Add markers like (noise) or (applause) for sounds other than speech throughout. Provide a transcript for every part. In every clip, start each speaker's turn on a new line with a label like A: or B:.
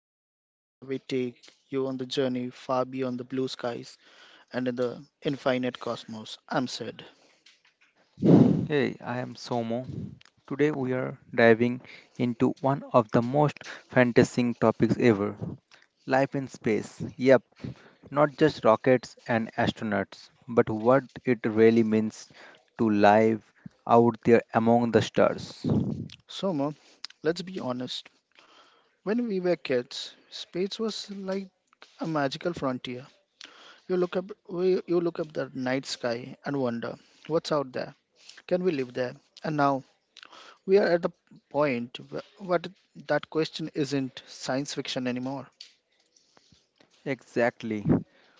A: podcast where we take you on the journey far beyond the blue skies and in the infinite cosmos. I'm Sid.
B: Hey, I am Somo. Today we are diving into one of the most fantasizing topics ever, life in space. Yep, not just rockets and astronauts, but what it really means to live out there among the stars.
A: Soma, let's be honest. When we were kids, space was like a magical frontier. You look up the night sky and wonder, what's out there? Can we live there? And now we are at the point where what that question isn't science fiction anymore.
B: Exactly.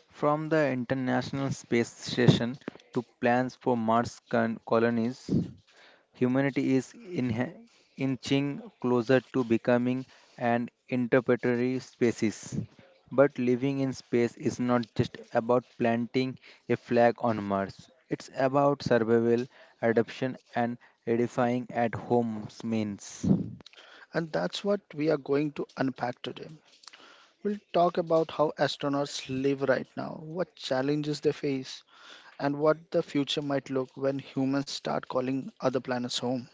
B: From the International Space Station to plans for colonies, humanity is inching closer to becoming an interplanetary species. But living in space is not just about planting a flag on Mars. It's about survival, adaptation, and edifying at home's means.
A: And that's what we are going to unpack today. We'll talk about how astronauts live right now, what challenges they face, and what the future might look when humans start calling other planets home.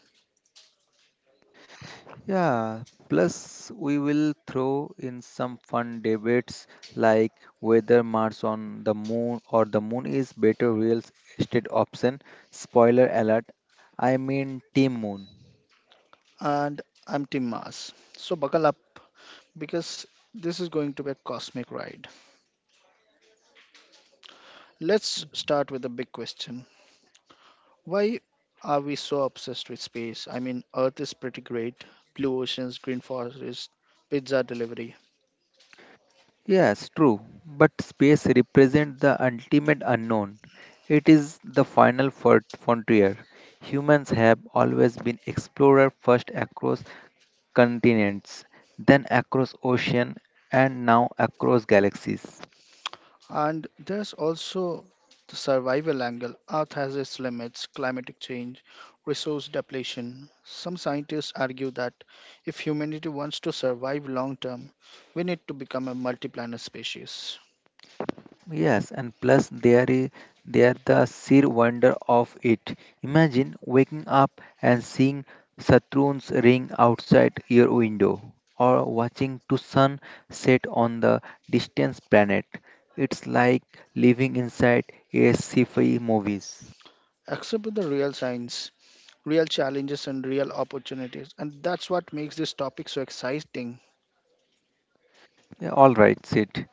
B: Yeah, plus we will throw in some fun debates like whether Mars on the moon or the moon is better real estate option. Spoiler alert, Team Moon.
A: And I'm Tim Mars. So buckle up because this is going to be a cosmic ride. Let's start with the big question. Why are we so obsessed with space? I mean, Earth is pretty great. Blue oceans, green forests, pizza delivery.
B: Yes, true, but space represents the ultimate unknown. It is the frontier. Humans have always been explorer first across continents, then across ocean, and now across galaxies.
A: And there's also the survival angle. Earth has its limits, climatic change, resource depletion. Some scientists argue that if humanity wants to survive long term, we need to become a multi-planet species.
B: Yes, and plus there the sheer wonder of it. Imagine waking up and seeing Saturn's ring outside your window, or watching the sun set on the distant planet. It's like living inside a sci-fi movies.
A: Except with the real science, real challenges and real opportunities, and that's what makes this topic so exciting.
B: Yeah, all right, Sid.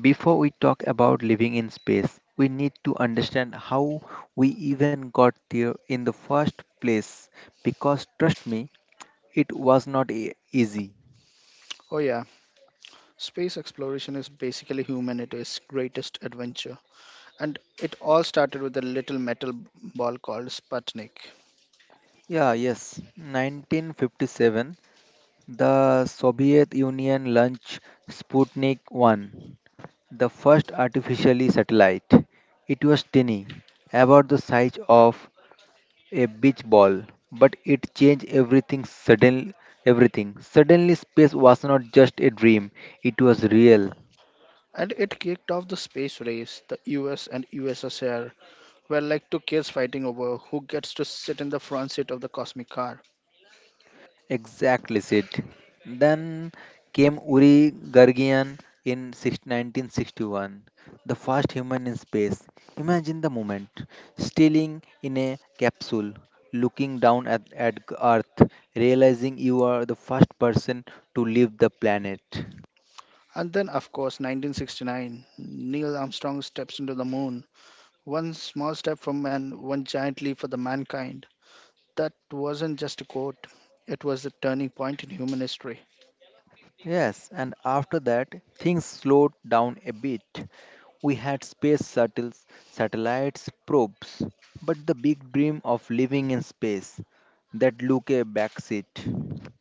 B: Before we talk about living in space, we need to understand how we even got there in the first place. Because trust me, it was not easy.
A: Oh yeah, space exploration is basically humanity's greatest adventure, and it all started with a little metal ball called Sputnik.
B: Yeah, yes. 1957, the Soviet Union launched Sputnik 1, the first artificially satellite. It was tiny, about the size of a beach ball, but it changed everything suddenly. Everything. Suddenly, space was not just a dream, it was real.
A: And it kicked off the space race. The US and USSR were like two kids fighting over who gets to sit in the front seat of the cosmic car.
B: Exactly, Sid. Then came Uri Gagarin in 1961, the first human in space. Imagine the moment, stealing in a capsule, looking down at Earth, realizing you are the first person to leave the planet.
A: And then, of course, 1969, Neil Armstrong steps into the moon. One small step for man, one giant leap for the mankind. That wasn't just a quote. It was the turning point in human history.
B: Yes, and after that, things slowed down a bit. We had space shuttles, satellites, probes, but the big dream of living in space, that Luke backseat.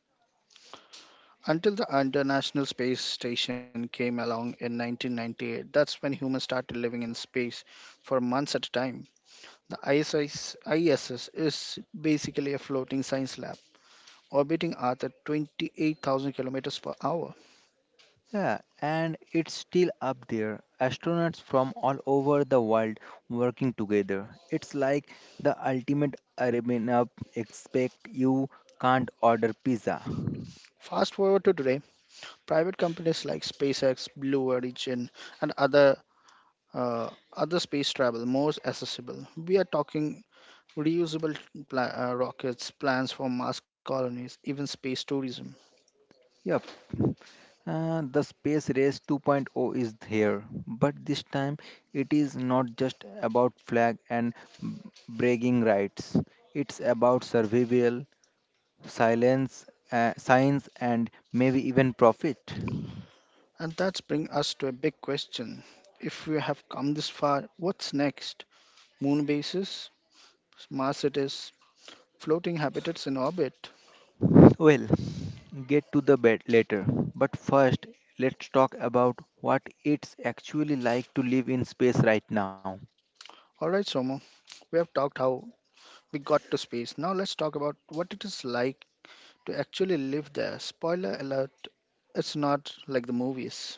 A: Until the International Space Station came along in 1998, that's when humans started living in space for months at a time. The ISS is basically a floating science lab orbiting Earth at 28,000 kilometers per hour.
B: Yeah, and it's still up there. Astronauts from all over the world working together. It's like the ultimate Arabian up, expect you can't order pizza.
A: Fast forward to today, private companies like SpaceX, Blue Origin, and uh, other space travel more accessible. We are talking reusable rockets, plans for Mars colonies, even space tourism.
B: Yep. The Space Race 2.0 is here, but this time it is not just about flag and bragging rights. It's about survival, silence, science, and maybe even profit.
A: And that's bring us to a big question: If we have come this far, what's next? Moon bases, Mars cities, floating habitats in orbit.
B: Well, get to the bed later, but first let's talk about what it's actually like to live in space right now.
A: Alright, Somo, we have talked how we got to space. Now let's talk about what it is like to actually live there. Spoiler alert, it's not like the movies.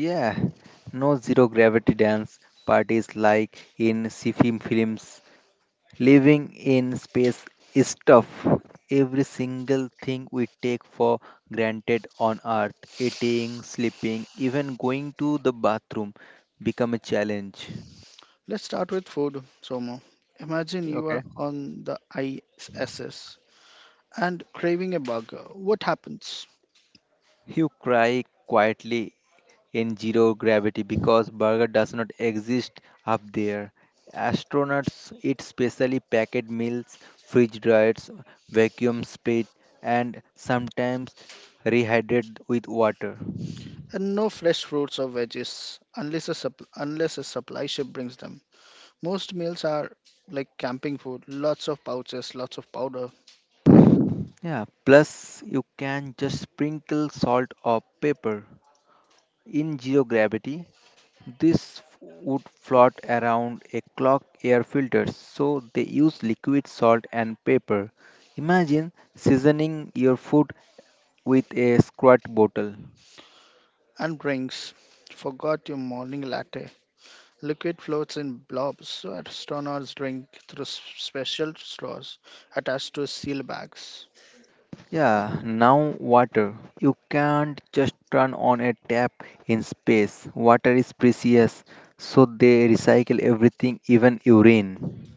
B: Yeah, no zero gravity dance parties like in sci-fi films. Living in space is tough. Every single thing we take for granted on Earth, eating, sleeping, even going to the bathroom, become a challenge.
A: Let's start with food, Somo. Imagine you
B: Okay.
A: are on the ISS and craving a burger. What happens?
B: You cry quietly in zero gravity because burger does not exist up there. Astronauts eat specially packaged meals, fridge diets, vacuum split, and sometimes rehydrated with water.
A: And no fresh fruits or veggies unless a supply ship brings them. Most meals are like camping food, lots of pouches, lots of powder.
B: Yeah, plus you can just sprinkle salt or pepper. In zero gravity, would float around a clock air filters, so they use liquid salt and pepper. Imagine seasoning your food with a squirt bottle.
A: And drinks. Forgot your morning latte. Liquid floats in blobs, so astronaut's drink through special straws attached to seal bags.
B: Yeah, now water. You can't just turn on a tap in space. Water is precious, so they recycle everything, even urine.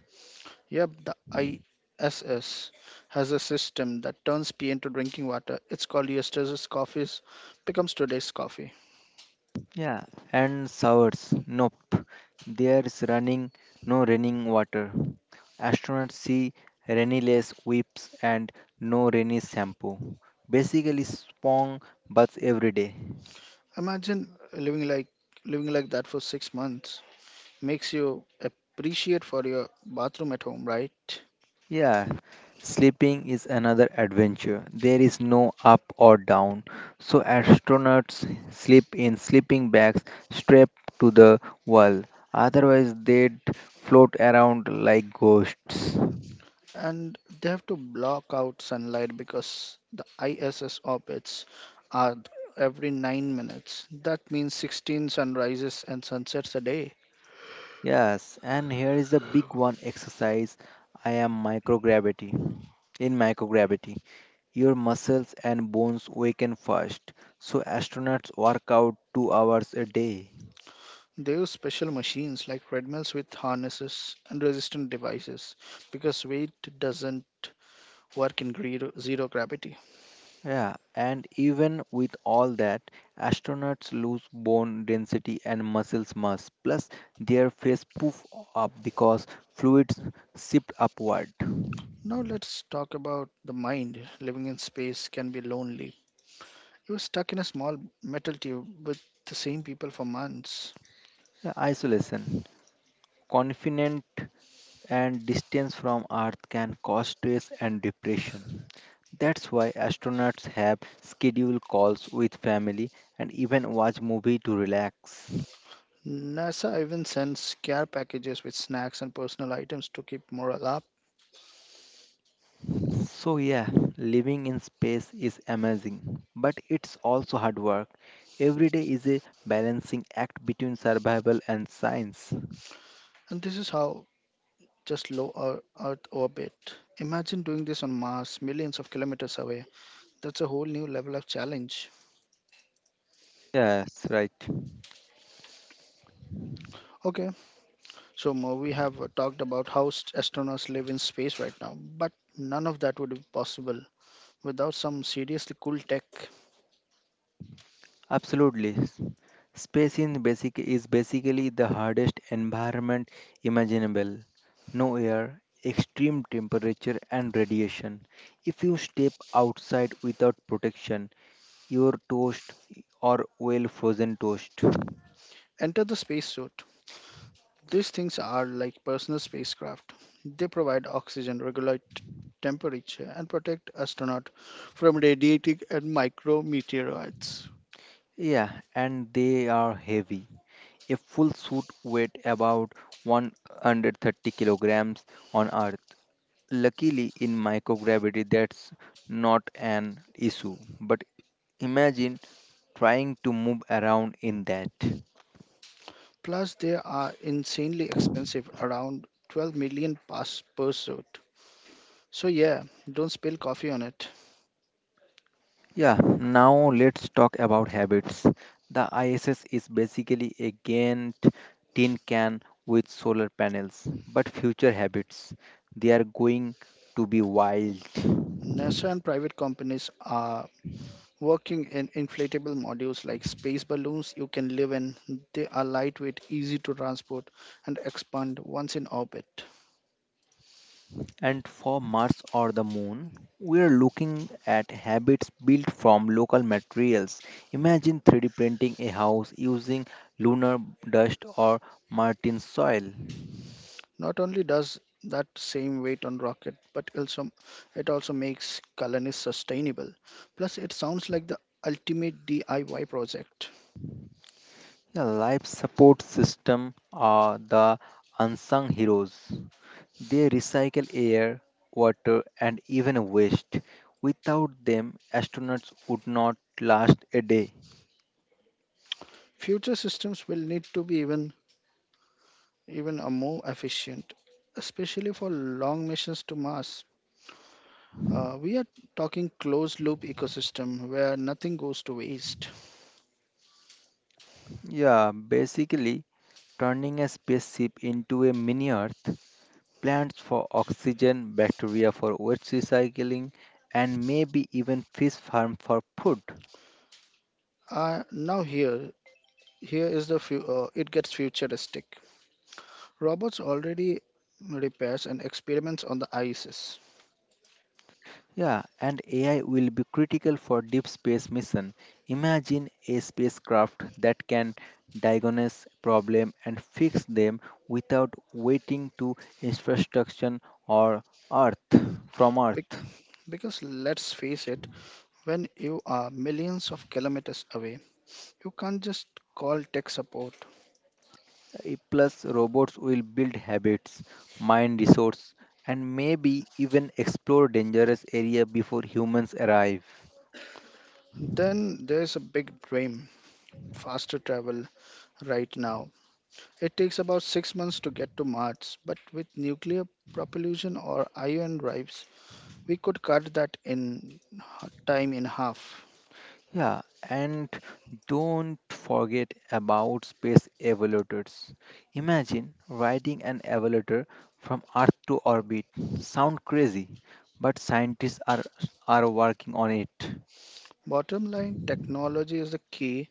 A: Yep, the ISS has a system that turns pee into drinking water. It's called yesterday's coffees, becomes today's coffee.
B: Yeah, and showers. Nope. There is running, no running water. Astronauts see rainy lace whips and no rainy shampoo. Basically, spong baths every day.
A: Imagine living like that for 6 months. Makes you appreciate for your bathroom at home, right?
B: Yeah, sleeping is another adventure. There is no up or down. So, astronauts sleep in sleeping bags strapped to the wall. Otherwise, they'd float around like ghosts.
A: And they have to block out sunlight because the ISS orbits are every 9 minutes. That means 16 sunrises and sunsets a day.
B: Yes, and here is the big one, exercise. I am microgravity. In microgravity, your muscles and bones weaken first. So astronauts work out 2 hours a day.
A: They use special machines like treadmills with harnesses and resistant devices because weight doesn't work in zero gravity.
B: Yeah, and even with all that, astronauts lose bone density and muscles mass. Plus their face poof up because fluids shift upward.
A: Now let's talk about the mind. Living in space can be lonely. You are stuck in a small metal tube with the same people for months.
B: Yeah, isolation, confident, and distance from Earth can cause stress and depression. That's why astronauts have scheduled calls with family and even watch movie to relax.
A: NASA even sends care packages with snacks and personal items to keep morale up.
B: So yeah, living in space is amazing, but it's also hard work. Every day is a balancing act between survival and science.
A: And this is how just low Earth orbit. Imagine doing this on Mars, millions of kilometers away. That's a whole new level of challenge.
B: Yes, right.
A: Okay, so Mo, we have talked about how astronauts live in space right now, but none of that would be possible without some seriously cool tech.
B: Absolutely. Space in basic is basically the hardest environment imaginable. No air, extreme temperature and radiation. If you step outside without protection, your toast, or well, frozen toast.
A: Enter the spacesuit. These things are like personal spacecraft. They provide oxygen, regulate temperature, and protect astronauts from radiating and micrometeorites.
B: Yeah, and they are heavy. A full suit weighs about 130 kilograms on Earth. Luckily, in microgravity, that's not an issue. But imagine trying to move around in that.
A: Plus, they are insanely expensive, around 12 million pass per suit. So, yeah, don't spill coffee on it.
B: Yeah, now let's talk about habits. The ISS is basically a giant tin can with solar panels, but future habits. They are going to be wild.
A: NASA and private companies are working in inflatable modules like space balloons you can live in. They are lightweight, easy to transport, and expand once in orbit.
B: And for Mars or the Moon, we are looking at habits built from local materials. Imagine 3D printing a house using lunar dust or Martian soil.
A: Not only does that same weight on rocket, but also it also makes colonies sustainable. Plus, it sounds like the ultimate DIY project.
B: The life support system are the unsung heroes. They recycle air, water, and even waste. Without them, astronauts would not last a day.
A: Future systems will need to be even a more efficient, especially for long missions to Mars. We are talking closed loop ecosystem where nothing goes to waste.
B: Yeah, basically, turning a spaceship into a mini Earth, plants for oxygen, bacteria for waste recycling, and maybe even fish farm for food.
A: Now here is the it gets futuristic. Robots already repairs and experiments on the ISS.
B: Yeah, and AI will be critical for deep space mission. Imagine a spacecraft that can diagnose problem and fix them without waiting to infrastructure or Earth from
A: Be-
B: Earth.
A: Because let's face it, when you are millions of kilometers away, you can't just call tech support.
B: Eh, plus, robots will build habits, mine resources, and maybe even explore dangerous area before humans arrive.
A: Then there's a big dream, faster travel right now. It takes about 6 months to get to Mars, but with nuclear propulsion or ion drives, we could cut that time in half.
B: Yeah, and don't forget about space evaluators. Imagine riding an evaluator from Earth to orbit. Sound crazy, but scientists are working on it.
A: Bottom line, technology is the key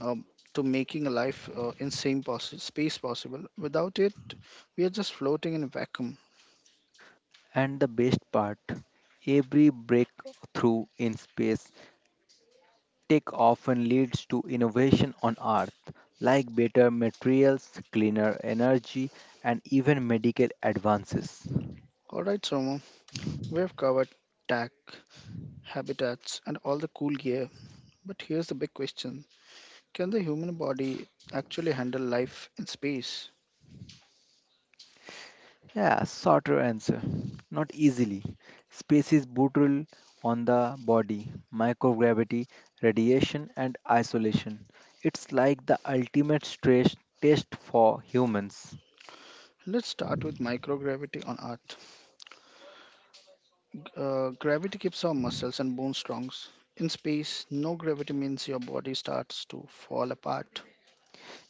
A: um, to making a life in space possible. Without it, we are just floating in a vacuum.
B: And the best part, every breakthrough in space tech often leads to innovation on Earth, like better materials, cleaner energy, and even medical advances.
A: All right, Soma. We've covered tech, habitats, and all the cool gear, but here's the big question: Can the human body actually handle life in space?
B: Yeah, shorter answer. Not easily. Space is brutal on the body, microgravity, radiation, and isolation. It's like the ultimate stress test for humans.
A: Let's start with microgravity on Earth. Gravity keeps our muscles and bones strong. In space, no gravity means your body starts to fall apart.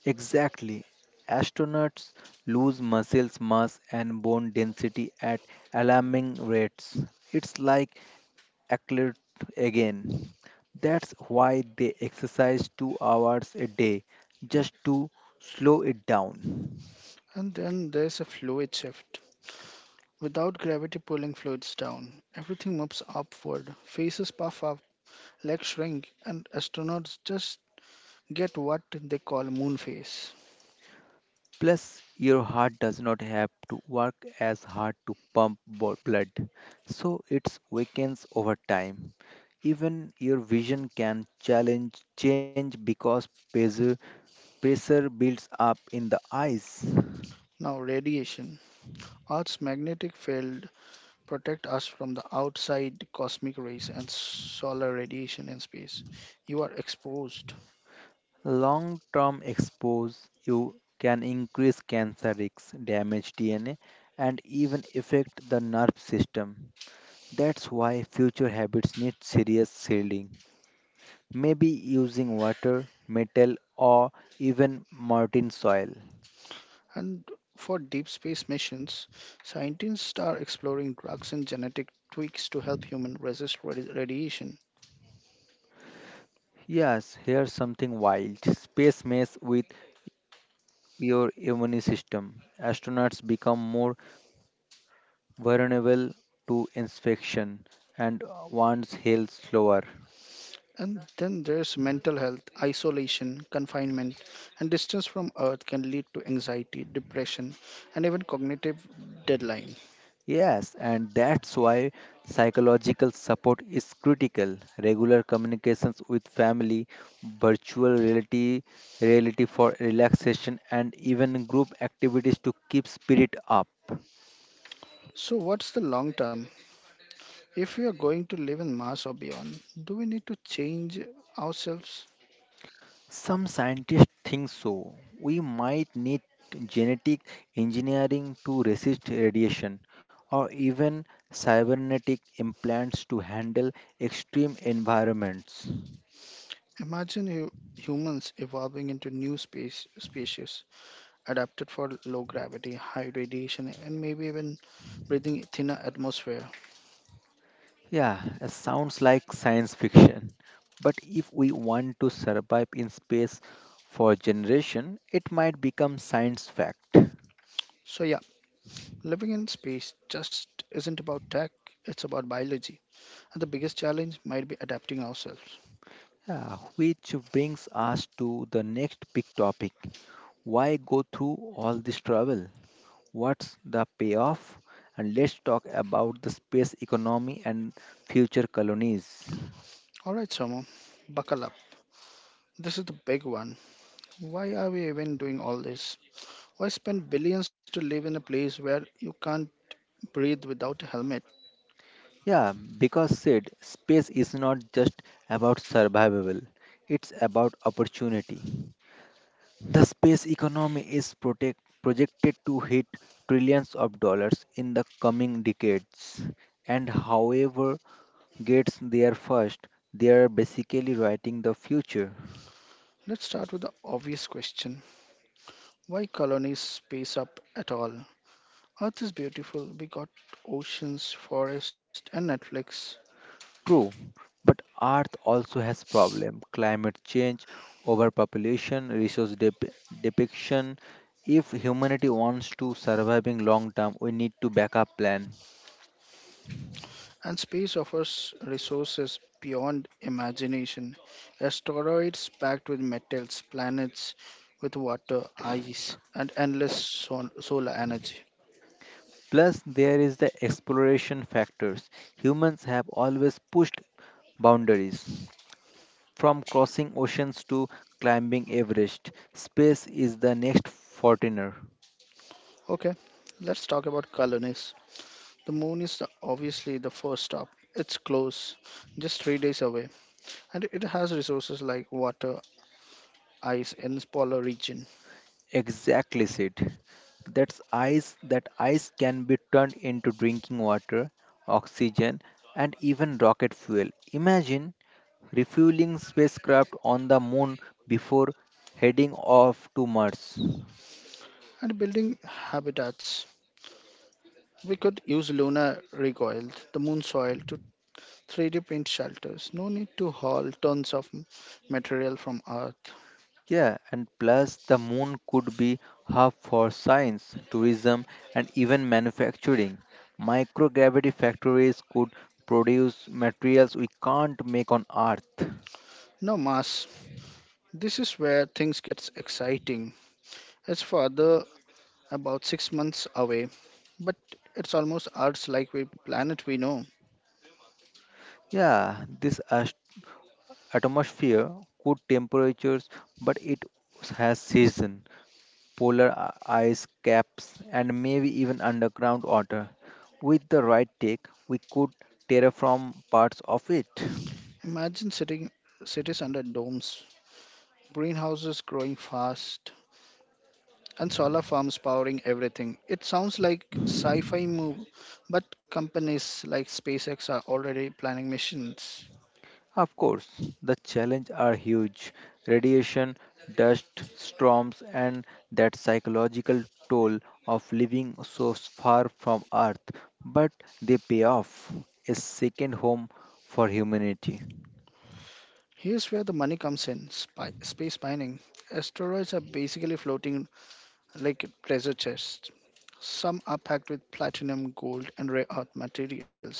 B: Exactly. Astronauts lose muscle mass and bone density at alarming rates. It's like athlete again. That's why they exercise 2 hours a day just to slow it down.
A: And then there's a fluid shift. Without gravity pulling fluids down, everything moves upward. Faces puff up, legs shrink, and astronauts just get what they call moon phase.
B: Plus, your heart does not have to work as hard to pump blood, so it weakens over time. Even your vision can challenge change because pressure builds up in the eyes.
A: Now, radiation. Earth's magnetic field protect us from the outside cosmic rays and solar radiation in space. You are exposed.
B: Long term expose you can increase cancer risks, damage DNA, and even affect the nerve system. That's why future habits need serious shielding, maybe using water, metal, or even marine soil.
A: And for deep space missions, scientists are exploring drugs and genetic tweaks to help humans resist radiation.
B: Yes, here's something wild. Space mess with your immune system. Astronauts become more vulnerable to infection and wounds heal slower.
A: And then there's mental health, isolation, confinement, and distance from Earth can lead to anxiety, depression, and even cognitive deadline.
B: Yes, and that's why psychological support is critical. Regular communications with family, virtual reality, reality for relaxation, and even group activities to keep spirit up.
A: So, what's the long term? If we are going to live in Mars or beyond, do we need to change ourselves?
B: Some scientists think so. We might need genetic engineering to resist radiation, or even cybernetic implants to handle extreme environments.
A: Imagine hu- humans evolving into new space species adapted for low gravity, high radiation, and maybe even breathing thinner atmosphere.
B: Yeah, it sounds like science fiction. But if we want to survive in space for generation, it might become science fact.
A: So yeah, living in space just isn't about tech, it's about biology. And the biggest challenge might be adapting ourselves.
B: Yeah, which brings us to the next big topic. Why go through all this trouble? What's the payoff? And let's talk about the space economy and future colonies.
A: All right, Somo, buckle up. This is the big one. Why are we even doing all this? Why spend billions to live in a place where you can't breathe without a helmet?
B: Yeah, because said space is not just about survivable, it's about opportunity. The space economy is projected to hit trillions of dollars in the coming decades, and however gets there first, they are basically writing the future.
A: Let's start with the obvious question: why colonies space up at all? Earth is beautiful, we got oceans, forests, and Netflix.
B: True, but Earth also has problem: climate change, overpopulation, depiction. If humanity wants to surviving long term, we need to backup plan.
A: And space offers resources beyond imagination. Asteroids packed with metals, planets with water, ice, and endless solar energy.
B: Plus, there is the exploration factors. Humans have always pushed boundaries. From crossing oceans to climbing Everest, space is the next Fortiner.
A: Okay, let's talk about colonies. The moon is the, obviously the first stop. It's close, just 3 days away. And it has resources like water, ice in polar region,
B: Exactly, Sid. That's ice. That ice can be turned into drinking water, oxygen, and even rocket fuel. Imagine refueling spacecraft on the moon before heading off to Mars.
A: and building habitats. We could use lunar recoil, the moon soil, to 3D print shelters. No need to haul tons of material from Earth.
B: Yeah, and plus the moon could be hub for science, tourism, and even manufacturing. Microgravity factories could produce materials we can't make on Earth.
A: No mass. This is where things gets exciting. It's further about 6 months away, but it's almost Earth's like we planet we know.
B: Yeah, atmosphere could temperatures, but it has season, ice caps, and maybe even underground water. With the right take, we could terraform parts of it.
A: Imagine sitting cities under domes, greenhouses growing fast, and solar farms powering everything. It sounds like sci-fi move, but companies like SpaceX are already planning missions.
B: Of course, the challenges are huge. Radiation, dust, storms, and that psychological toll of living so far from Earth. But they pay off. A second home for humanity.
A: Here's where the money comes in, space mining. Asteroids are basically floating like treasure chests. Some are packed with platinum, gold, and rare earth materials.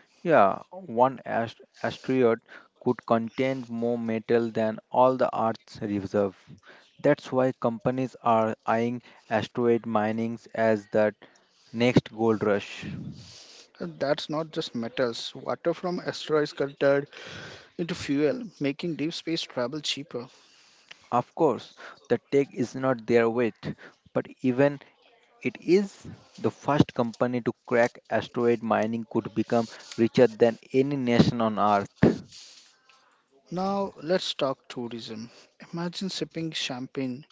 B: Yeah, one asteroid could contain more metal than all the Earth's reserve. That's why companies are eyeing asteroid minings as the next gold rush.
A: And that's not just metals. Water from asteroids got turned into fuel, making deep space travel cheaper.
B: Of course, the tech is not their weight, but even it is, the first company to crack asteroid mining could become richer than any nation on earth.
A: Now, let's talk tourism. Imagine sipping champagne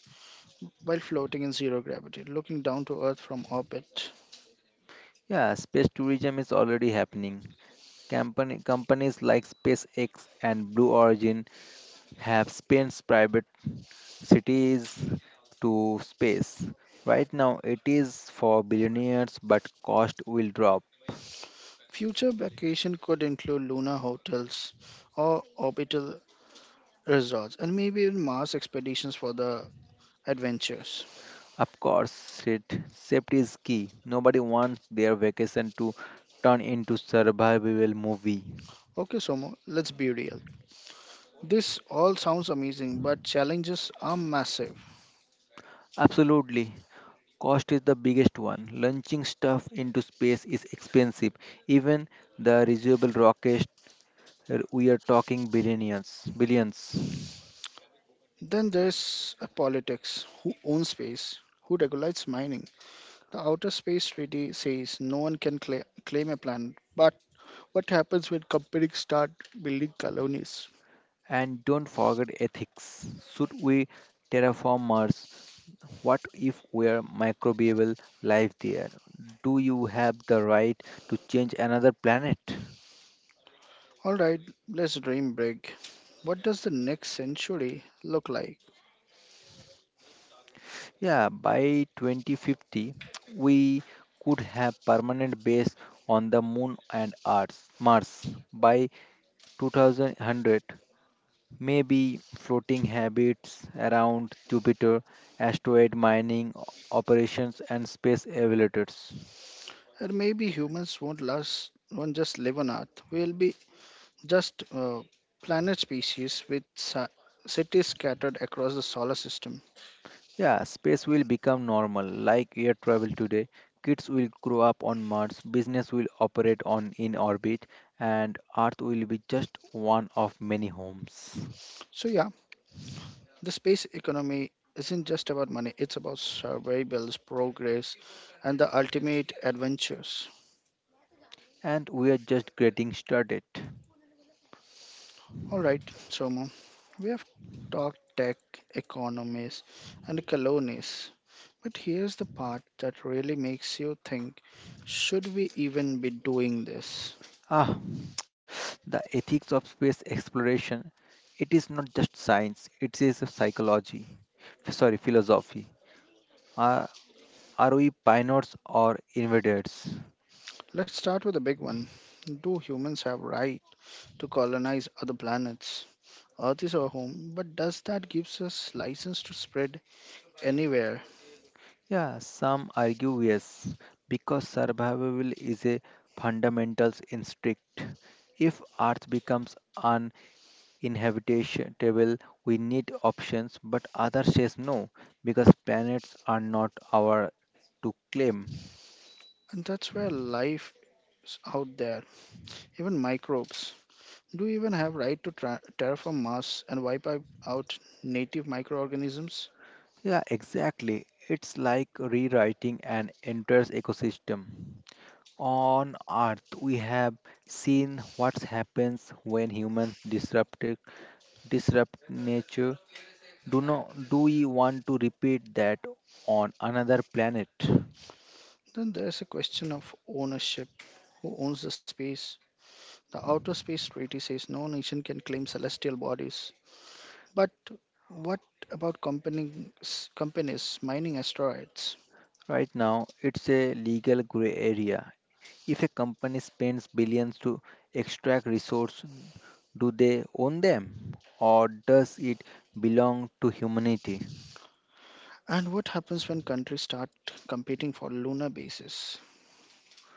A: while floating in zero gravity, looking down to Earth from orbit.
B: Yeah, space tourism is already happening. Companies like SpaceX and Blue Origin have spent private cities to space. Right now, it is for billionaires, but cost will drop.
A: Future vacation could include lunar hotels or orbital resorts, and maybe even Mars expeditions for the adventures.
B: Of course, it, safety is key. Nobody wants their vacation to turn into survival movie.
A: Okay, Somo, let's be real. This all sounds amazing, but challenges are massive.
B: Absolutely. Cost is the biggest one. Launching stuff into space is expensive. Even the reusable rocket, we are talking billions, billions.
A: Then there's a politics, who owns space, who regulates mining. The outer space treaty says no one can claim a planet, but what happens when companies start building colonies?
B: And don't forget ethics. Should we terraform Mars? What if we're microbial life there? Do you have the right to change another planet?
A: All right, let's dream big. What does the next century look like?
B: Yeah, by 2050, we could have permanent base on the moon and Earth, Mars. By 2100, maybe floating habits around Jupiter, asteroid mining operations, and space elevators.
A: And maybe humans won't last, won't just live on Earth. We'll be just planet species with cities scattered across the solar system.
B: Yeah, space will become normal, like air travel today. Kids will grow up on Mars, business will operate on in orbit, and Earth will be just one of many homes.
A: So yeah, the space economy isn't just about money. It's about survival, progress, and the ultimate adventures.
B: And we are just getting started.
A: All right, Somo, we have talked tech, economies, and colonies. But here's the part that really makes you think: should we even be doing this?
B: Ah, (tsk) the ethics of space exploration. It is not just science, it is a psychology. Sorry, philosophy. Are, are we pioneers or invaders?
A: Let's start with the big one. Do humans have right to colonize other planets? Earth is our home, but does that gives us license to spread anywhere?
B: Yeah, some argue yes, because survival is a fundamental instinct. If Earth becomes inhabitable, we need options, but other says no because planets are not our to claim.
A: And that's where life is out there, even microbes. Do we even have right to terraform Mars and wipe out native microorganisms?
B: Yeah, exactly. It's like rewriting an entire ecosystem. On Earth, we have seen what happens when humans disrupt nature. Do not Do we want to repeat that on another planet?
A: Then there's a question of ownership. Who owns the space? The Outer Space Treaty says no nation can claim celestial bodies. But what about companies mining asteroids?
B: Right now, it's a legal gray area. If a company spends billions to extract resources, do they own them? Or does it belong to humanity?
A: And what happens when countries start competing for lunar bases?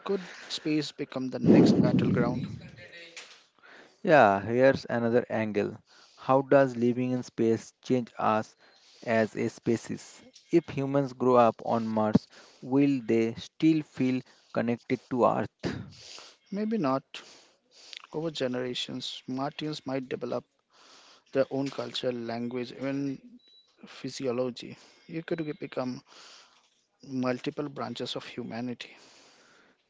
A: Could space become the next battleground?
B: Yeah, here's another angle. How does living in space change us as a species? If humans grow up on Mars, will they still feel connected to Earth?
A: Maybe not. Over generations, Martians might develop their own culture, language, even physiology. You could become multiple branches of humanity.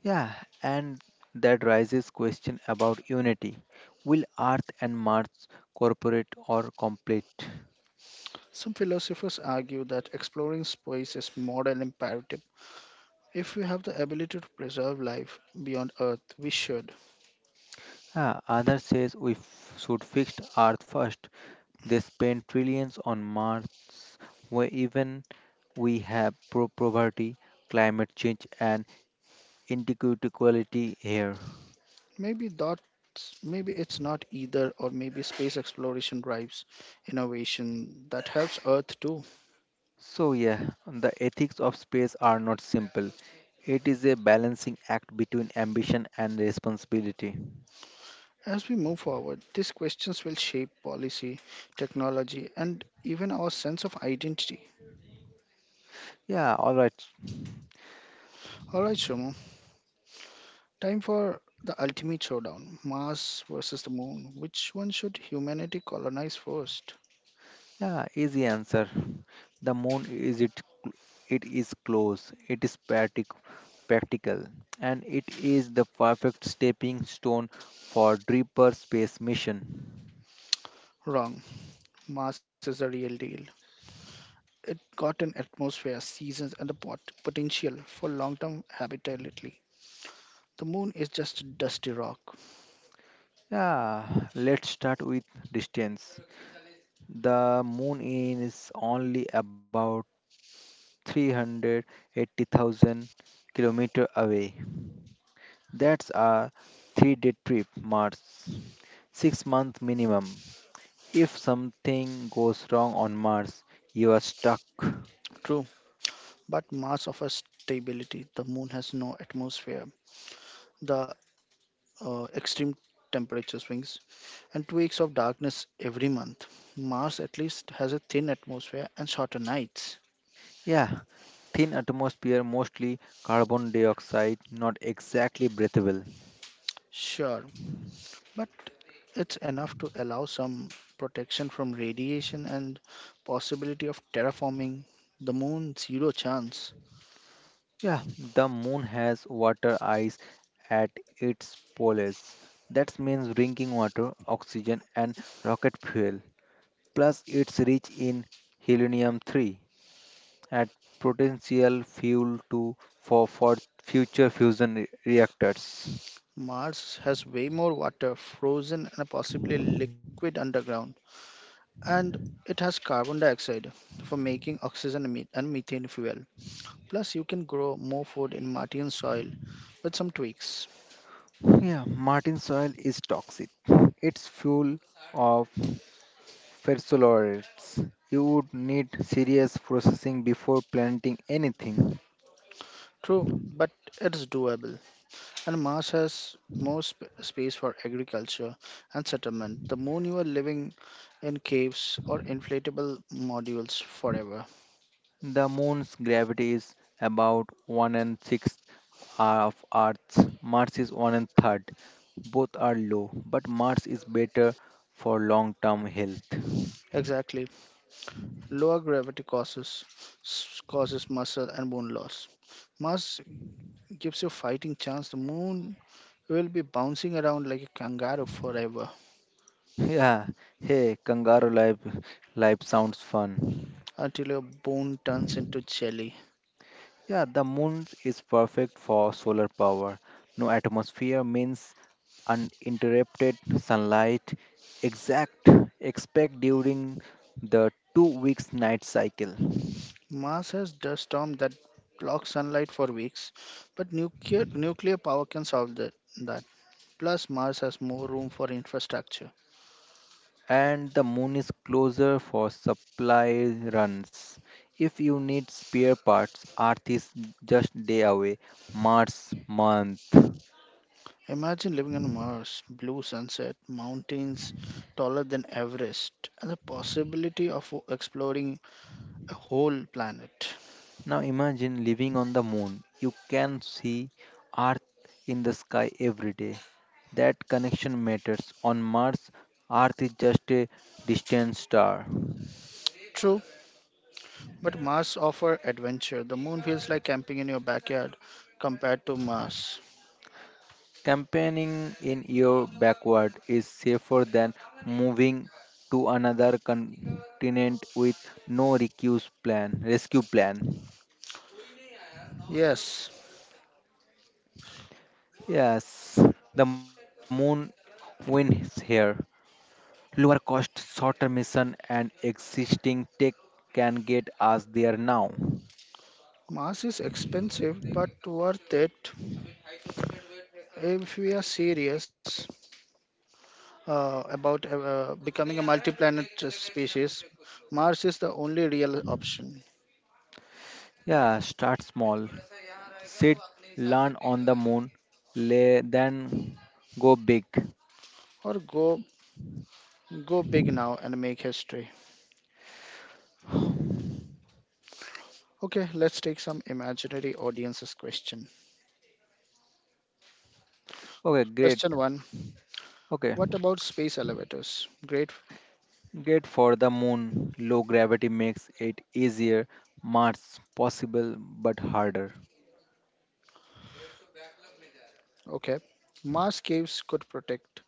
B: Yeah, and that raises question about unity. Will Earth and Mars cooperate or complete?
A: Some philosophers argue that exploring space is moral imperative. If we have the ability to preserve life beyond Earth, we should.
B: Ah, others says we should fix the Earth first. They spend trillions on Mars, where even we have poverty, climate change, and inequality here.
A: Maybe that's, Maybe it's not either, or maybe space exploration drives innovation that helps Earth too.
B: So yeah, the ethics of space are not simple. It is a balancing act between ambition and responsibility.
A: As we move forward, these questions will shape policy, technology, and even our sense of identity.
B: Yeah, all right.
A: Alright, Shramu, time for the ultimate showdown, Mars versus the Moon. Which one should humanity colonize first?
B: Yeah, easy answer. The moon is it it is close, it is practical, and it is the perfect stepping stone for deeper space mission.
A: Wrong. Mars is a real deal. It got an atmosphere, seasons, and the potential for long term habitability. The moon is just a dusty rock.
B: Yeah, let's start with distance. The moon is only about 380,000 kilometer away. That's a three-day trip, Mars. 6 month minimum. If something goes wrong on Mars, you are stuck.
A: True, but Mars offers stability. The moon has no atmosphere, the extreme temperature swings, and 2 weeks of darkness every month. Mars at least has a thin atmosphere and shorter nights.
B: Yeah, thin atmosphere, mostly carbon dioxide, not exactly breathable.
A: Sure, but it's enough to allow some protection from radiation and possibility of terraforming. The moon, zero chance.
B: Yeah, the moon has water ice at its poles. That means drinking water, oxygen, and rocket fuel. Plus, it's rich in helium 3, at potential fuel to for future fusion reactors.
A: Mars has way more water, frozen and possibly liquid underground, and it has carbon dioxide for making oxygen and and methane fuel. Plus you can grow more food in martian soil with some tweaks.
B: Yeah, Martin soil is toxic. It's full of fertilizers. You would need serious processing before planting anything.
A: True, but it's doable, and Mars has more space for agriculture and settlement. The moon, you are living in caves or inflatable modules forever.
B: The moon's gravity is about one and sixth of Earth's. Mars is one and third. Both are low, but Mars is better for long-term health.
A: Exactly. Lower gravity causes causes muscle and bone loss. Mars gives you a fighting chance. The moon, will be bouncing around like a kangaroo forever
B: Yeah, hey, kangaroo life sounds fun.
A: until your bone turns into jelly.
B: Yeah, the moon is perfect for solar power. No atmosphere means uninterrupted sunlight. Exact expect during the 2 weeks night cycle.
A: Mars has dust storm that blocks sunlight for weeks, but nuclear power can solve that. Plus, Mars has more room for infrastructure.
B: And the moon is closer for supply runs. If you need spare parts, Earth is just day away. Mars month.
A: Imagine living on Mars, blue sunset, mountains taller than Everest, and the possibility of exploring a whole planet.
B: Now imagine living on the moon. You can see Earth in the sky every day. That connection matters. On Mars, Earth is just a distant star.
A: True, but Mars offers adventure. The moon feels like camping in your backyard compared to Mars.
B: Campaigning in your backward is safer than moving to another continent with no rescue plan.
A: Yes,
B: Yes, the moon wins here. Lower cost, shorter mission, and existing tech can get us there now.
A: Mars is expensive but worth it if we are serious about becoming a multi planet species. Mars is the only real option.
B: Yeah, start small. Sit, learn on the moon, lay, then go big.
A: Or go Go big now and make history. Okay, let's take some imaginary audiences question.
B: Okay, great.
A: Question 1.
B: Okay,
A: What about space elevators? Great.
B: get for the moon. Low gravity makes it easier. Mars possible but harder.
A: Okay. Mars caves could protect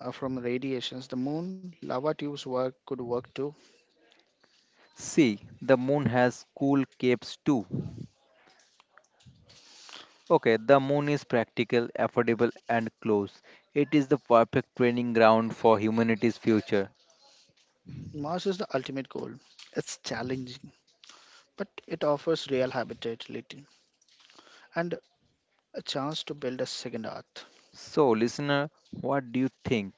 A: from radiations. The moon lava tubes work could work too.
B: See, the moon has cool caves too. Okay, the moon is practical, affordable, and close. It is the perfect training ground for humanity's future.
A: Mars is the ultimate goal. It's challenging, but it offers real habitability and a chance to build a second Earth.
B: So, listener, what do you think?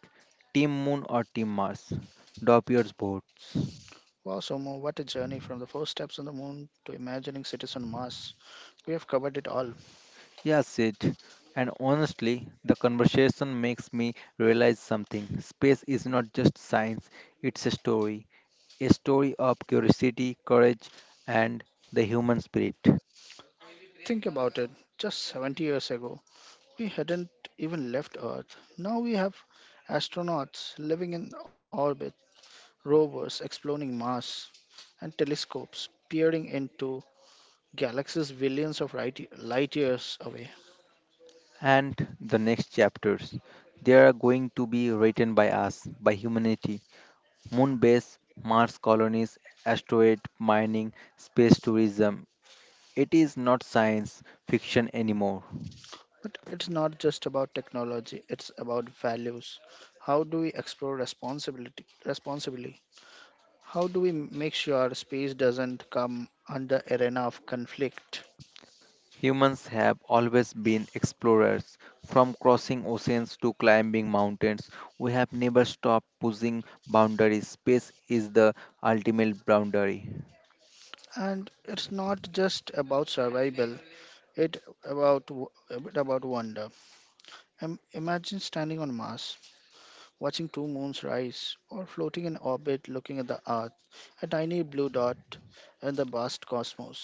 B: Team Moon or Team Mars? Drop your votes.
A: Wow, Somo, what a journey, from the first steps on the moon to imagining cities on Mars. We have covered it all.
B: Yes, Sid. And honestly, the conversation makes me realize something. Space is not just science, it's a story. A story of curiosity, courage, and the human spirit.
A: Think about it, just 70 years ago, we hadn't even left Earth. Now we have astronauts living in orbit, rovers exploring Mars, and telescopes peering into galaxies billions of light years away.
B: And the next chapters. They are going to be written by us, by humanity. Moon base, Mars colonies, asteroid mining, space tourism. It is not science fiction anymore.
A: But it's not just about technology, it's about values. How do we explore responsibility responsibly? How do we make sure space doesn't come under arena of conflict?
B: Humans have always been explorers. From crossing oceans to climbing mountains, we have never stopped pushing boundaries. Space is the ultimate boundary.
A: And it's not just about survival, it a bit about wonder. Imagine standing on Mars, watching two moons rise, or floating in orbit looking at the Earth, a tiny blue dot in the vast cosmos.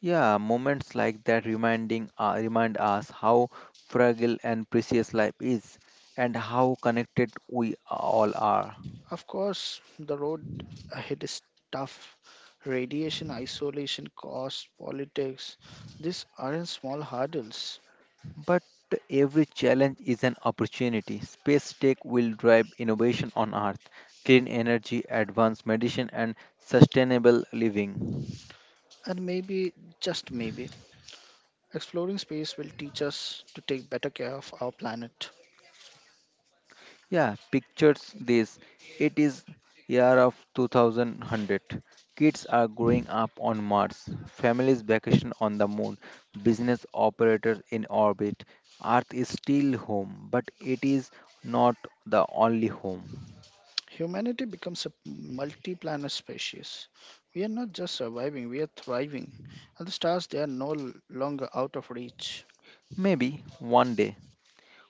B: Yeah, moments like that remind us how fragile and precious life is and how connected we all are.
A: Of course, the road ahead is tough. Radiation, isolation, cost, politics, these aren't small hurdles.
B: But every challenge is an opportunity. Space tech will drive innovation on Earth, clean energy, advanced medicine and sustainable living.
A: And maybe, just maybe, exploring space will teach us to take better care of our planet.
B: Yeah, pictures this. It is year of 2100. Kids are growing up on Mars, families vacation on the moon, business operators in orbit. Earth is still home, but it is not the only home.
A: Humanity becomes a multi planet species. We are not just surviving, we are thriving. And the stars, they are no longer out of reach.
B: Maybe one day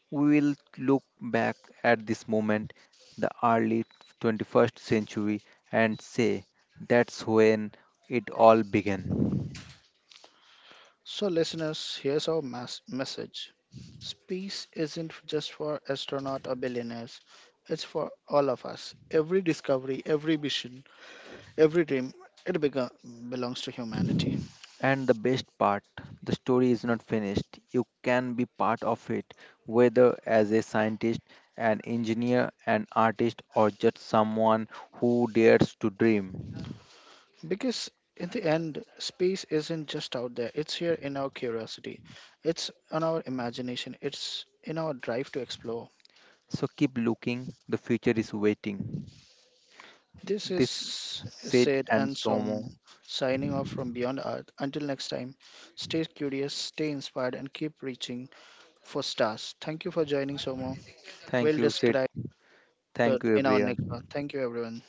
B: we will look back at this moment, the early 21st century, and say that's when it all began.
A: So, listeners, here's our message. Space isn't just for astronauts or billionaires, it's for all of us. Every discovery, every mission, every dream, it belongs to humanity.
B: And the best part, the story is not finished. You can be part of it, whether as a scientist, an engineer, an artist, or just someone who dares to dream.
A: Because in the end, space isn't just out there, it's here in our curiosity, it's on our imagination, it's in our drive to explore.
B: So keep looking, the future is waiting.
A: This is
B: This said
A: Sid
B: and
A: and
B: Somo.
A: Som, signing off from Beyond Earth. Until next time, stay curious, stay inspired, and keep reaching for stars. Thank you for joining, Somo.
B: Thank
A: We'll
B: you, said.
A: describe the
B: Thank you,
A: in our next one.
B: everyone.
A: Thank you, everyone.